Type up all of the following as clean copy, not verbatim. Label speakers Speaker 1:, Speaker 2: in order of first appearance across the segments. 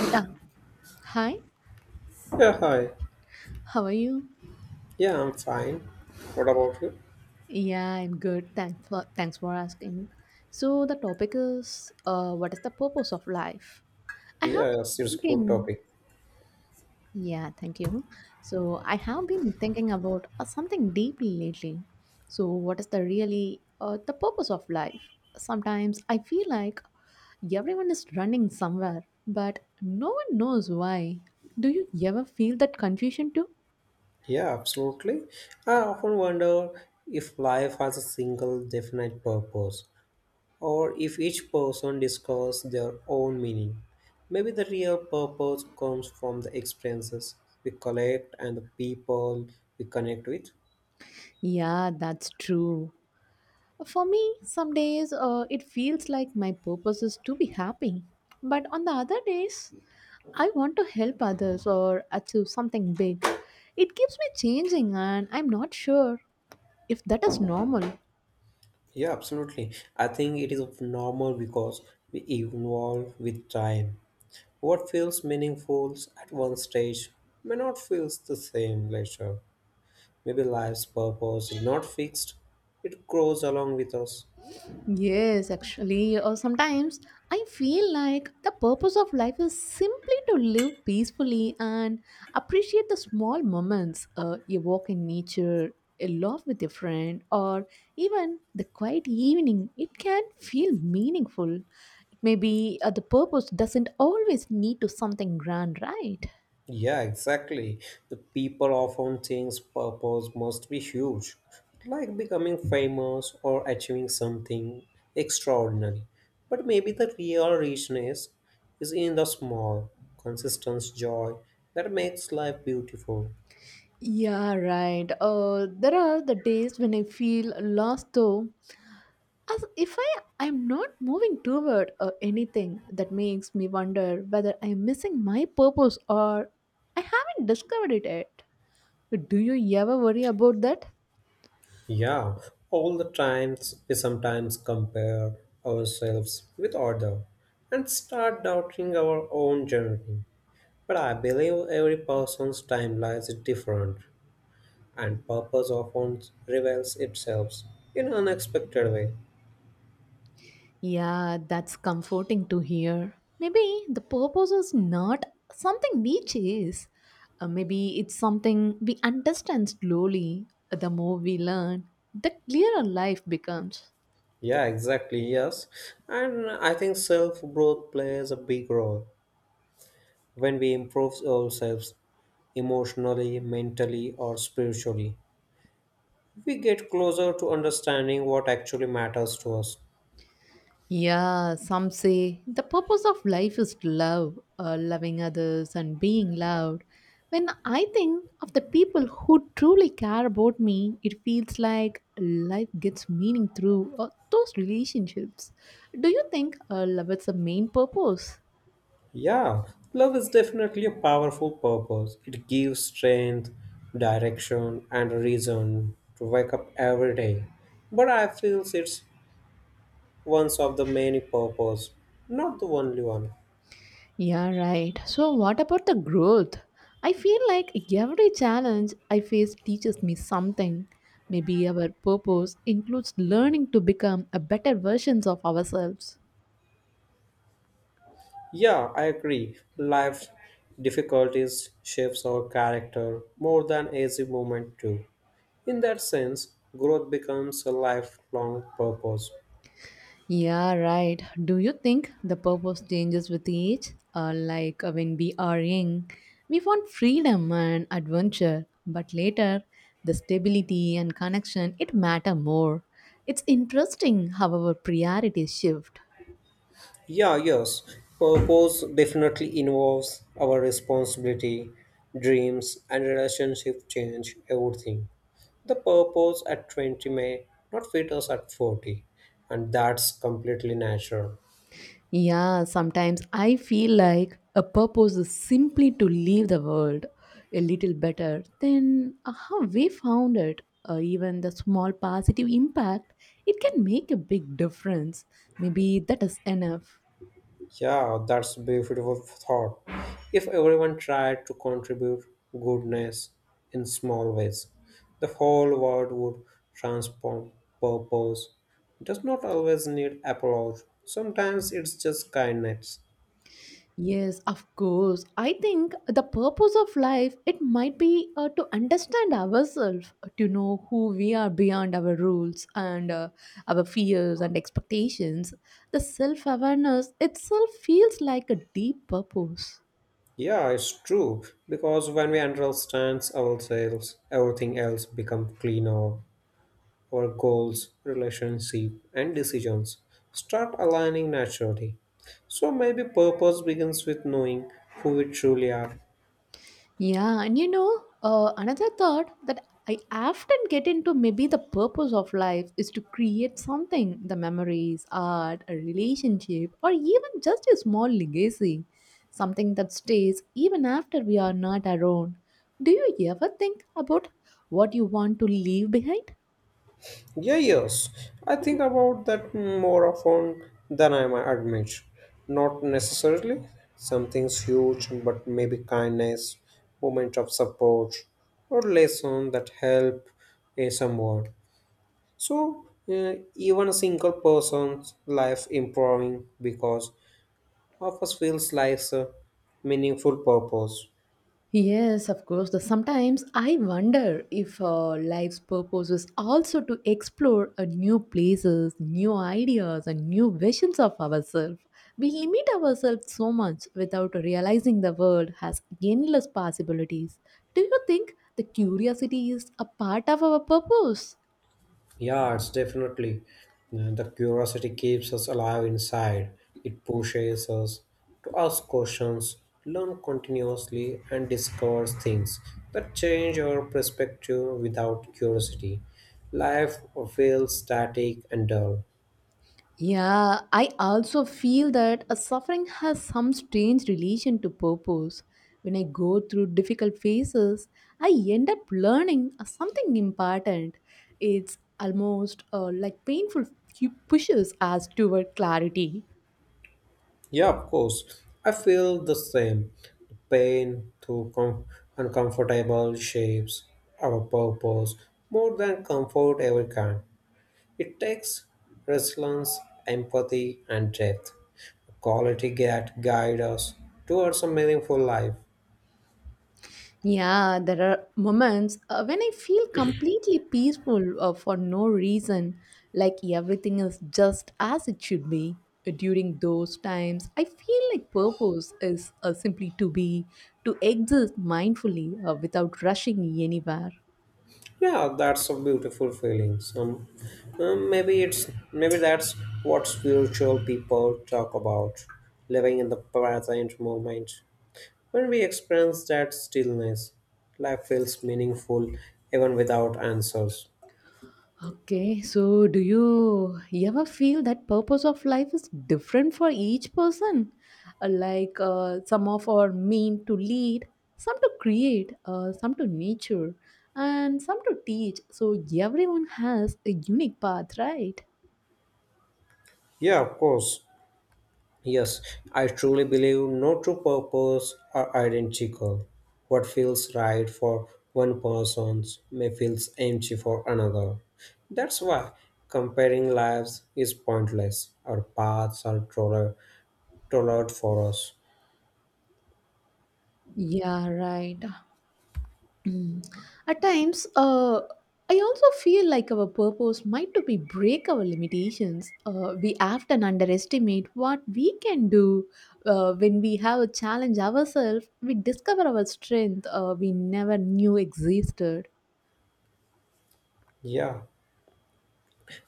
Speaker 1: Yeah. Hi.
Speaker 2: Yeah, hi.
Speaker 1: How are you?
Speaker 2: Yeah, I'm fine. What about you?
Speaker 1: Yeah, I'm good. Thanks for asking. So the topic is what is the purpose of life? I have
Speaker 2: Yeah,
Speaker 1: been
Speaker 2: yes, it's a good
Speaker 1: thinking,
Speaker 2: topic.
Speaker 1: yeah, thank you. So I have been thinking about something deeply lately. So what is the really the purpose of life? Sometimes I feel like everyone is running somewhere, but no one knows why. Do you ever feel that confusion too?
Speaker 2: Yeah, absolutely. I often wonder if life has a single definite purpose, or if each person discovers their own meaning. Maybe the real purpose comes from the experiences we collect and the people we connect with.
Speaker 1: Yeah, that's true. For me, some days it feels like my purpose is to be happy. But on the other days, I want to help others or achieve something big. It keeps me changing, and I'm not sure if that is normal.
Speaker 2: Yeah, absolutely. I think it is normal because we evolve with time. What feels meaningful at one stage may not feel the same later. Maybe life's purpose is not fixed, it grows along with us.
Speaker 1: Yes, actually, or sometimes I feel like the purpose of life is simply to live peacefully and appreciate the small moments. A walk in nature, a laugh with a friend, or even the quiet evening. It can feel meaningful. Maybe the purpose doesn't always need to something grand, right?
Speaker 2: Yeah, exactly. The people often think purpose must be huge, like becoming famous or achieving something extraordinary. But maybe the real richness is in the small, consistent joy that makes life beautiful.
Speaker 1: Yeah, right. There are the days when I feel lost, though, as if I'm not moving toward anything that makes me wonder whether I'm missing my purpose or I haven't discovered it yet. Do you ever worry about that?
Speaker 2: Yeah, all the times we sometimes compare ourselves with others and start doubting our own journey. But I believe every person's timeline is different and purpose often reveals itself in unexpected way.
Speaker 1: Yeah, that's comforting to hear. Maybe the purpose is not something we chase. Maybe it's something we understand slowly. The more we learn, the clearer life becomes.
Speaker 2: Yeah, exactly, yes. And I think self-growth plays a big role when we improve ourselves emotionally, mentally or spiritually. We get closer to understanding what actually matters to us.
Speaker 1: Yeah, some say the purpose of life is love, loving others and being loved. When I think of the people who truly care about me, it feels like life gets meaning through those relationships. Do you think love is the main purpose?
Speaker 2: Yeah, love is definitely a powerful purpose. It gives strength, direction, and a reason to wake up every day. But I feel it's one of the many purposes, not the only one.
Speaker 1: Yeah, right. So, what about the growth? I feel like every challenge I face teaches me something. Maybe our purpose includes learning to become a better versions of ourselves.
Speaker 2: Yeah, I agree. Life difficulties shapes our character more than easy moment do. In that sense, growth becomes a lifelong purpose.
Speaker 1: Yeah, right. Do you think the purpose changes with age? Like when we are young, we want freedom and adventure, but later, the stability and connection it matter more. It's interesting how our priorities shift.
Speaker 2: Yeah, yes. Purpose definitely involves our responsibility, dreams, and relationship change everything. The purpose at 20 may not fit us at 40, and that's completely natural.
Speaker 1: Yeah, sometimes I feel like a purpose is simply to leave the world a little better than how we found it. Even the small positive impact, it can make a big difference. Maybe that is enough.
Speaker 2: Yeah, that's a beautiful thought. If everyone tried to contribute goodness in small ways, the whole world would transform. Purpose does not always need applause. Sometimes it's just kindness.
Speaker 1: Yes, of course. I think the purpose of life it might be to understand ourselves, to know who we are beyond our rules and our fears and expectations. The self-awareness itself feels like a deep purpose.
Speaker 2: Yeah, it's true because when we understand ourselves, everything else becomes cleaner. Our goals, relationships, and decisions start aligning naturally. So maybe purpose begins with knowing who we truly are.
Speaker 1: Yeah, and you know, another thought that I often get into maybe the purpose of life is to create something the memories, art, a relationship, or even just a small legacy, something that stays even after we are not around. Do you ever think about what you want to leave behind?
Speaker 2: Yeah, yes, I think about that more often than I might admit. Not necessarily something's huge, but maybe kindness, moment of support, or lesson that help someone. So even a single person's life improving because Office feels like a meaningful purpose.
Speaker 1: Yes, of course. The, sometimes I wonder if life's purpose is also to explore a new places, new ideas, and new visions of ourselves. We limit ourselves so much without realizing the world has endless possibilities. Do you think the curiosity is a part of our purpose?
Speaker 2: Yeah, it's definitely. The curiosity keeps us alive inside. It pushes us to ask questions, learn continuously, and discover things that change our perspective without curiosity. Life feels static and dull.
Speaker 1: Yeah, I also feel that a suffering has some strange relation to purpose. When I go through difficult phases, I end up learning something important. It's almost like pushes us toward clarity.
Speaker 2: Yeah, of course. I feel the same. The pain through uncomfortable shapes our purpose more than comfort ever can. It takes resilience, empathy, and depth. Quality that guide us towards a meaningful life.
Speaker 1: Yeah, there are moments when I feel completely peaceful for no reason, like everything is just as it should be. During those times, I feel like purpose is simply to be, to exist mindfully without rushing anywhere.
Speaker 2: Yeah, that's a beautiful feeling. Some, maybe it's maybe that's what spiritual people talk about, living in the present moment. When we experience that stillness, life feels meaningful even without answers.
Speaker 1: Okay, so do you ever feel that purpose of life is different for each person? Like some of are mean to lead, some to create, some to nature, and some to teach. So everyone has a unique path, right?
Speaker 2: Yeah, of course. Yes, I truly believe no true purpose are identical. What feels right for one person may feel empty for another. That's why comparing lives is pointless. Our paths are tailored for us.
Speaker 1: Yeah, right. Mm. At times, I also feel like our purpose might to be break our limitations. We often underestimate what we can do. When we have a challenge ourselves, we discover our strength we never knew existed.
Speaker 2: Yeah,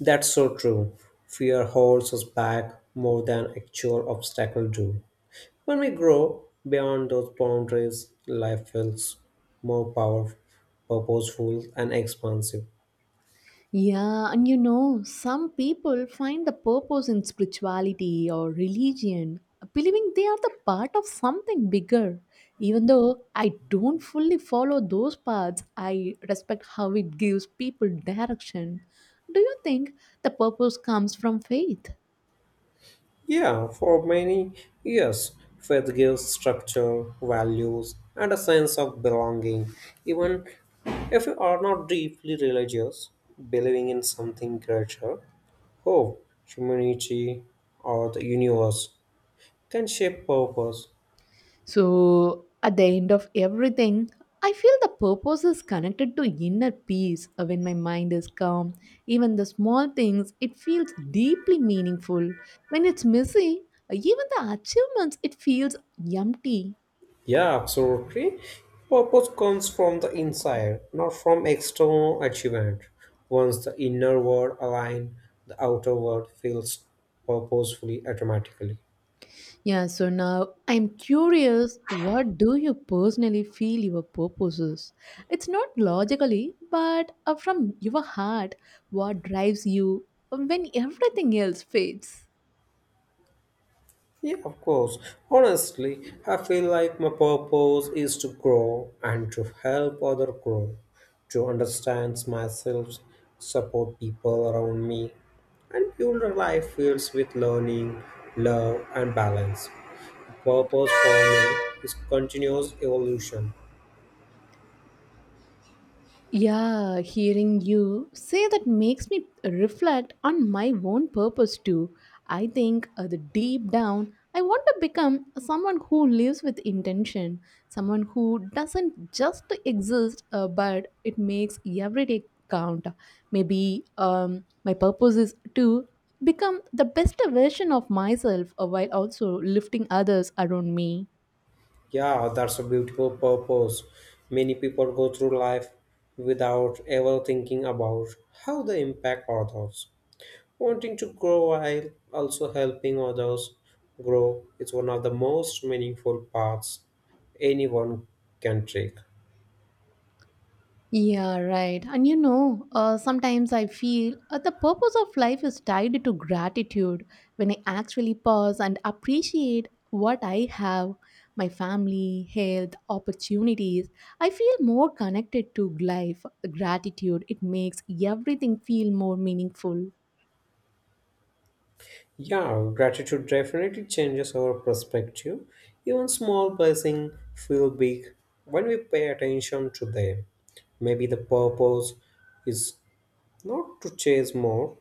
Speaker 2: that's so true. Fear holds us back more than actual obstacles do. When we grow beyond those boundaries, life feels more powerful, purposeful, and expansive.
Speaker 1: Yeah, and you know, some people find the purpose in spirituality or religion, believing they are the part of something bigger. Even though I don't fully follow those paths, I respect how it gives people direction. Do you think the purpose comes from faith?
Speaker 2: Yeah, for many years, faith gives structure, values, and a sense of belonging. Even if you are not deeply religious, believing in something greater, hope, humanity, or the universe can shape purpose.
Speaker 1: So, at the end of everything, I feel the purpose is connected to inner peace. When my mind is calm, even the small things, it feels deeply meaningful. When it's messy, even the achievements, it feels empty.
Speaker 2: Yeah, absolutely. Purpose comes from the inside, not from external achievement. Once the inner world aligns, the outer world feels purposefully automatically.
Speaker 1: Yeah, so now I'm curious, what do you personally feel your purpose is? It's not logically, but from your heart, what drives you when everything else fades?
Speaker 2: Yeah, of course. Honestly, I feel like my purpose is to grow and to help other grow, to understand myself, support people around me, and build a life filled with learning, love, and balance. Purpose for me is continuous evolution.
Speaker 1: Yeah, hearing you say that makes me reflect on my own purpose too. I think the deep down, I want to become someone who lives with intention, someone who doesn't just exist, but it makes every day count. Maybe my purpose is to become the best version of myself while also lifting others around me.
Speaker 2: Yeah, that's a beautiful purpose. Many people go through life without ever thinking about how they impact others. Wanting to grow while also helping others grow is one of the most meaningful paths anyone can take.
Speaker 1: Yeah, right. And you know, sometimes I feel the purpose of life is tied to gratitude. When I actually pause and appreciate what I have, my family, health, opportunities, I feel more connected to life. Gratitude, it makes everything feel more meaningful.
Speaker 2: Yeah, gratitude definitely changes our perspective. Even small blessings feel big when we pay attention to them. Maybe the purpose is not to chase more,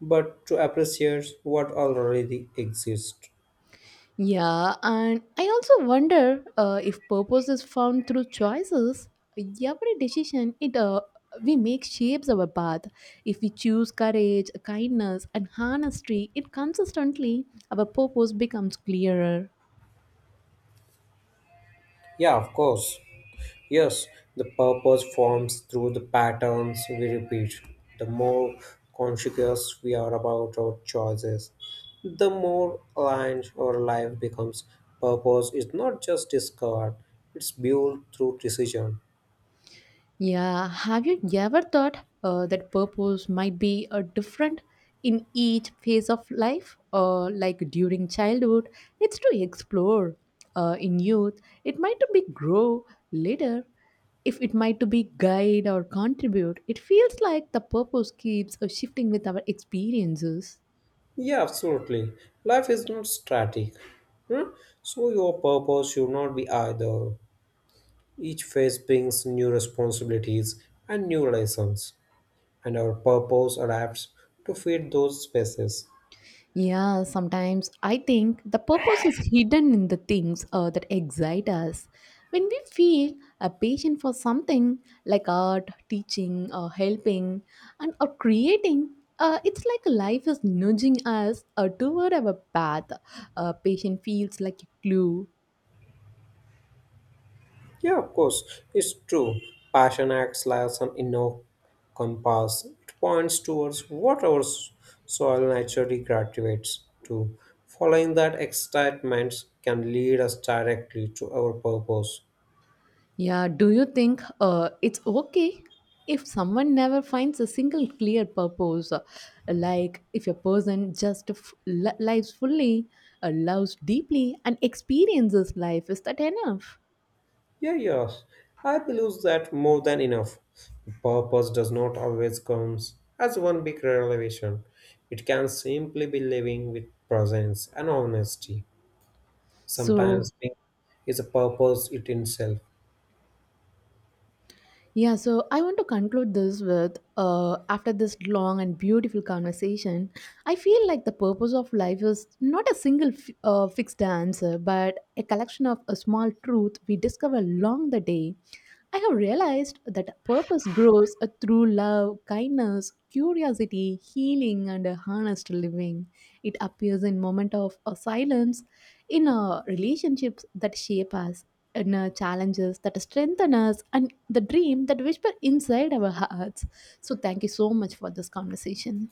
Speaker 2: but to appreciate what already exists.
Speaker 1: Yeah, and I also wonder if purpose is found through choices. Every decision it we make shapes our path. If we choose courage, kindness, and honesty, it consistently our purpose becomes clearer.
Speaker 2: Yeah, of course. Yes, the purpose forms through the patterns we repeat. The more conscious we are about our choices, the more aligned our life becomes. Purpose is not just discovered, it's built through decision.
Speaker 1: Yeah, have you ever thought that purpose might be different in each phase of life? Or like during childhood, it's to explore. In youth, it might to be grow. Later, if it might to be guide or contribute, it feels like the purpose keeps shifting with our experiences.
Speaker 2: Yeah, absolutely. Life is not static. Hmm? So, your purpose should not be either. Each phase brings new responsibilities and new lessons, and our purpose adapts to fit those spaces.
Speaker 1: Yeah, sometimes I think the purpose is hidden in the things that excite us. When we feel a passion for something like art, teaching, or helping, and or creating, it's like life is nudging us toward our path. A patient feels like a clue.
Speaker 2: Yeah, of course, it's true. Passion acts like an inner compass. It points towards what our soil naturally gravitates to. Following that excitement can lead us directly to our purpose.
Speaker 1: Yeah, do you think it's okay if someone never finds a single clear purpose? Like if a person just lives fully, loves deeply, and experiences life, is that enough?
Speaker 2: Yeah, yes, I believe that more than enough. Purpose does not always come as one big revelation. It can simply be living with presence and honesty. Sometimes
Speaker 1: So,
Speaker 2: being is a purpose it itself.
Speaker 1: yeah, so I want to conclude this with after this long and beautiful conversation, I feel like the purpose of life is not a single fixed answer, but a collection of a small truth we discover along the day. I have realized that purpose grows through love, kindness, curiosity, healing, and a honest living. It appears in moment of silence in relationships that shape us, in challenges that strengthen us, and the dream that whisper inside our hearts. So, thank you so much for this conversation.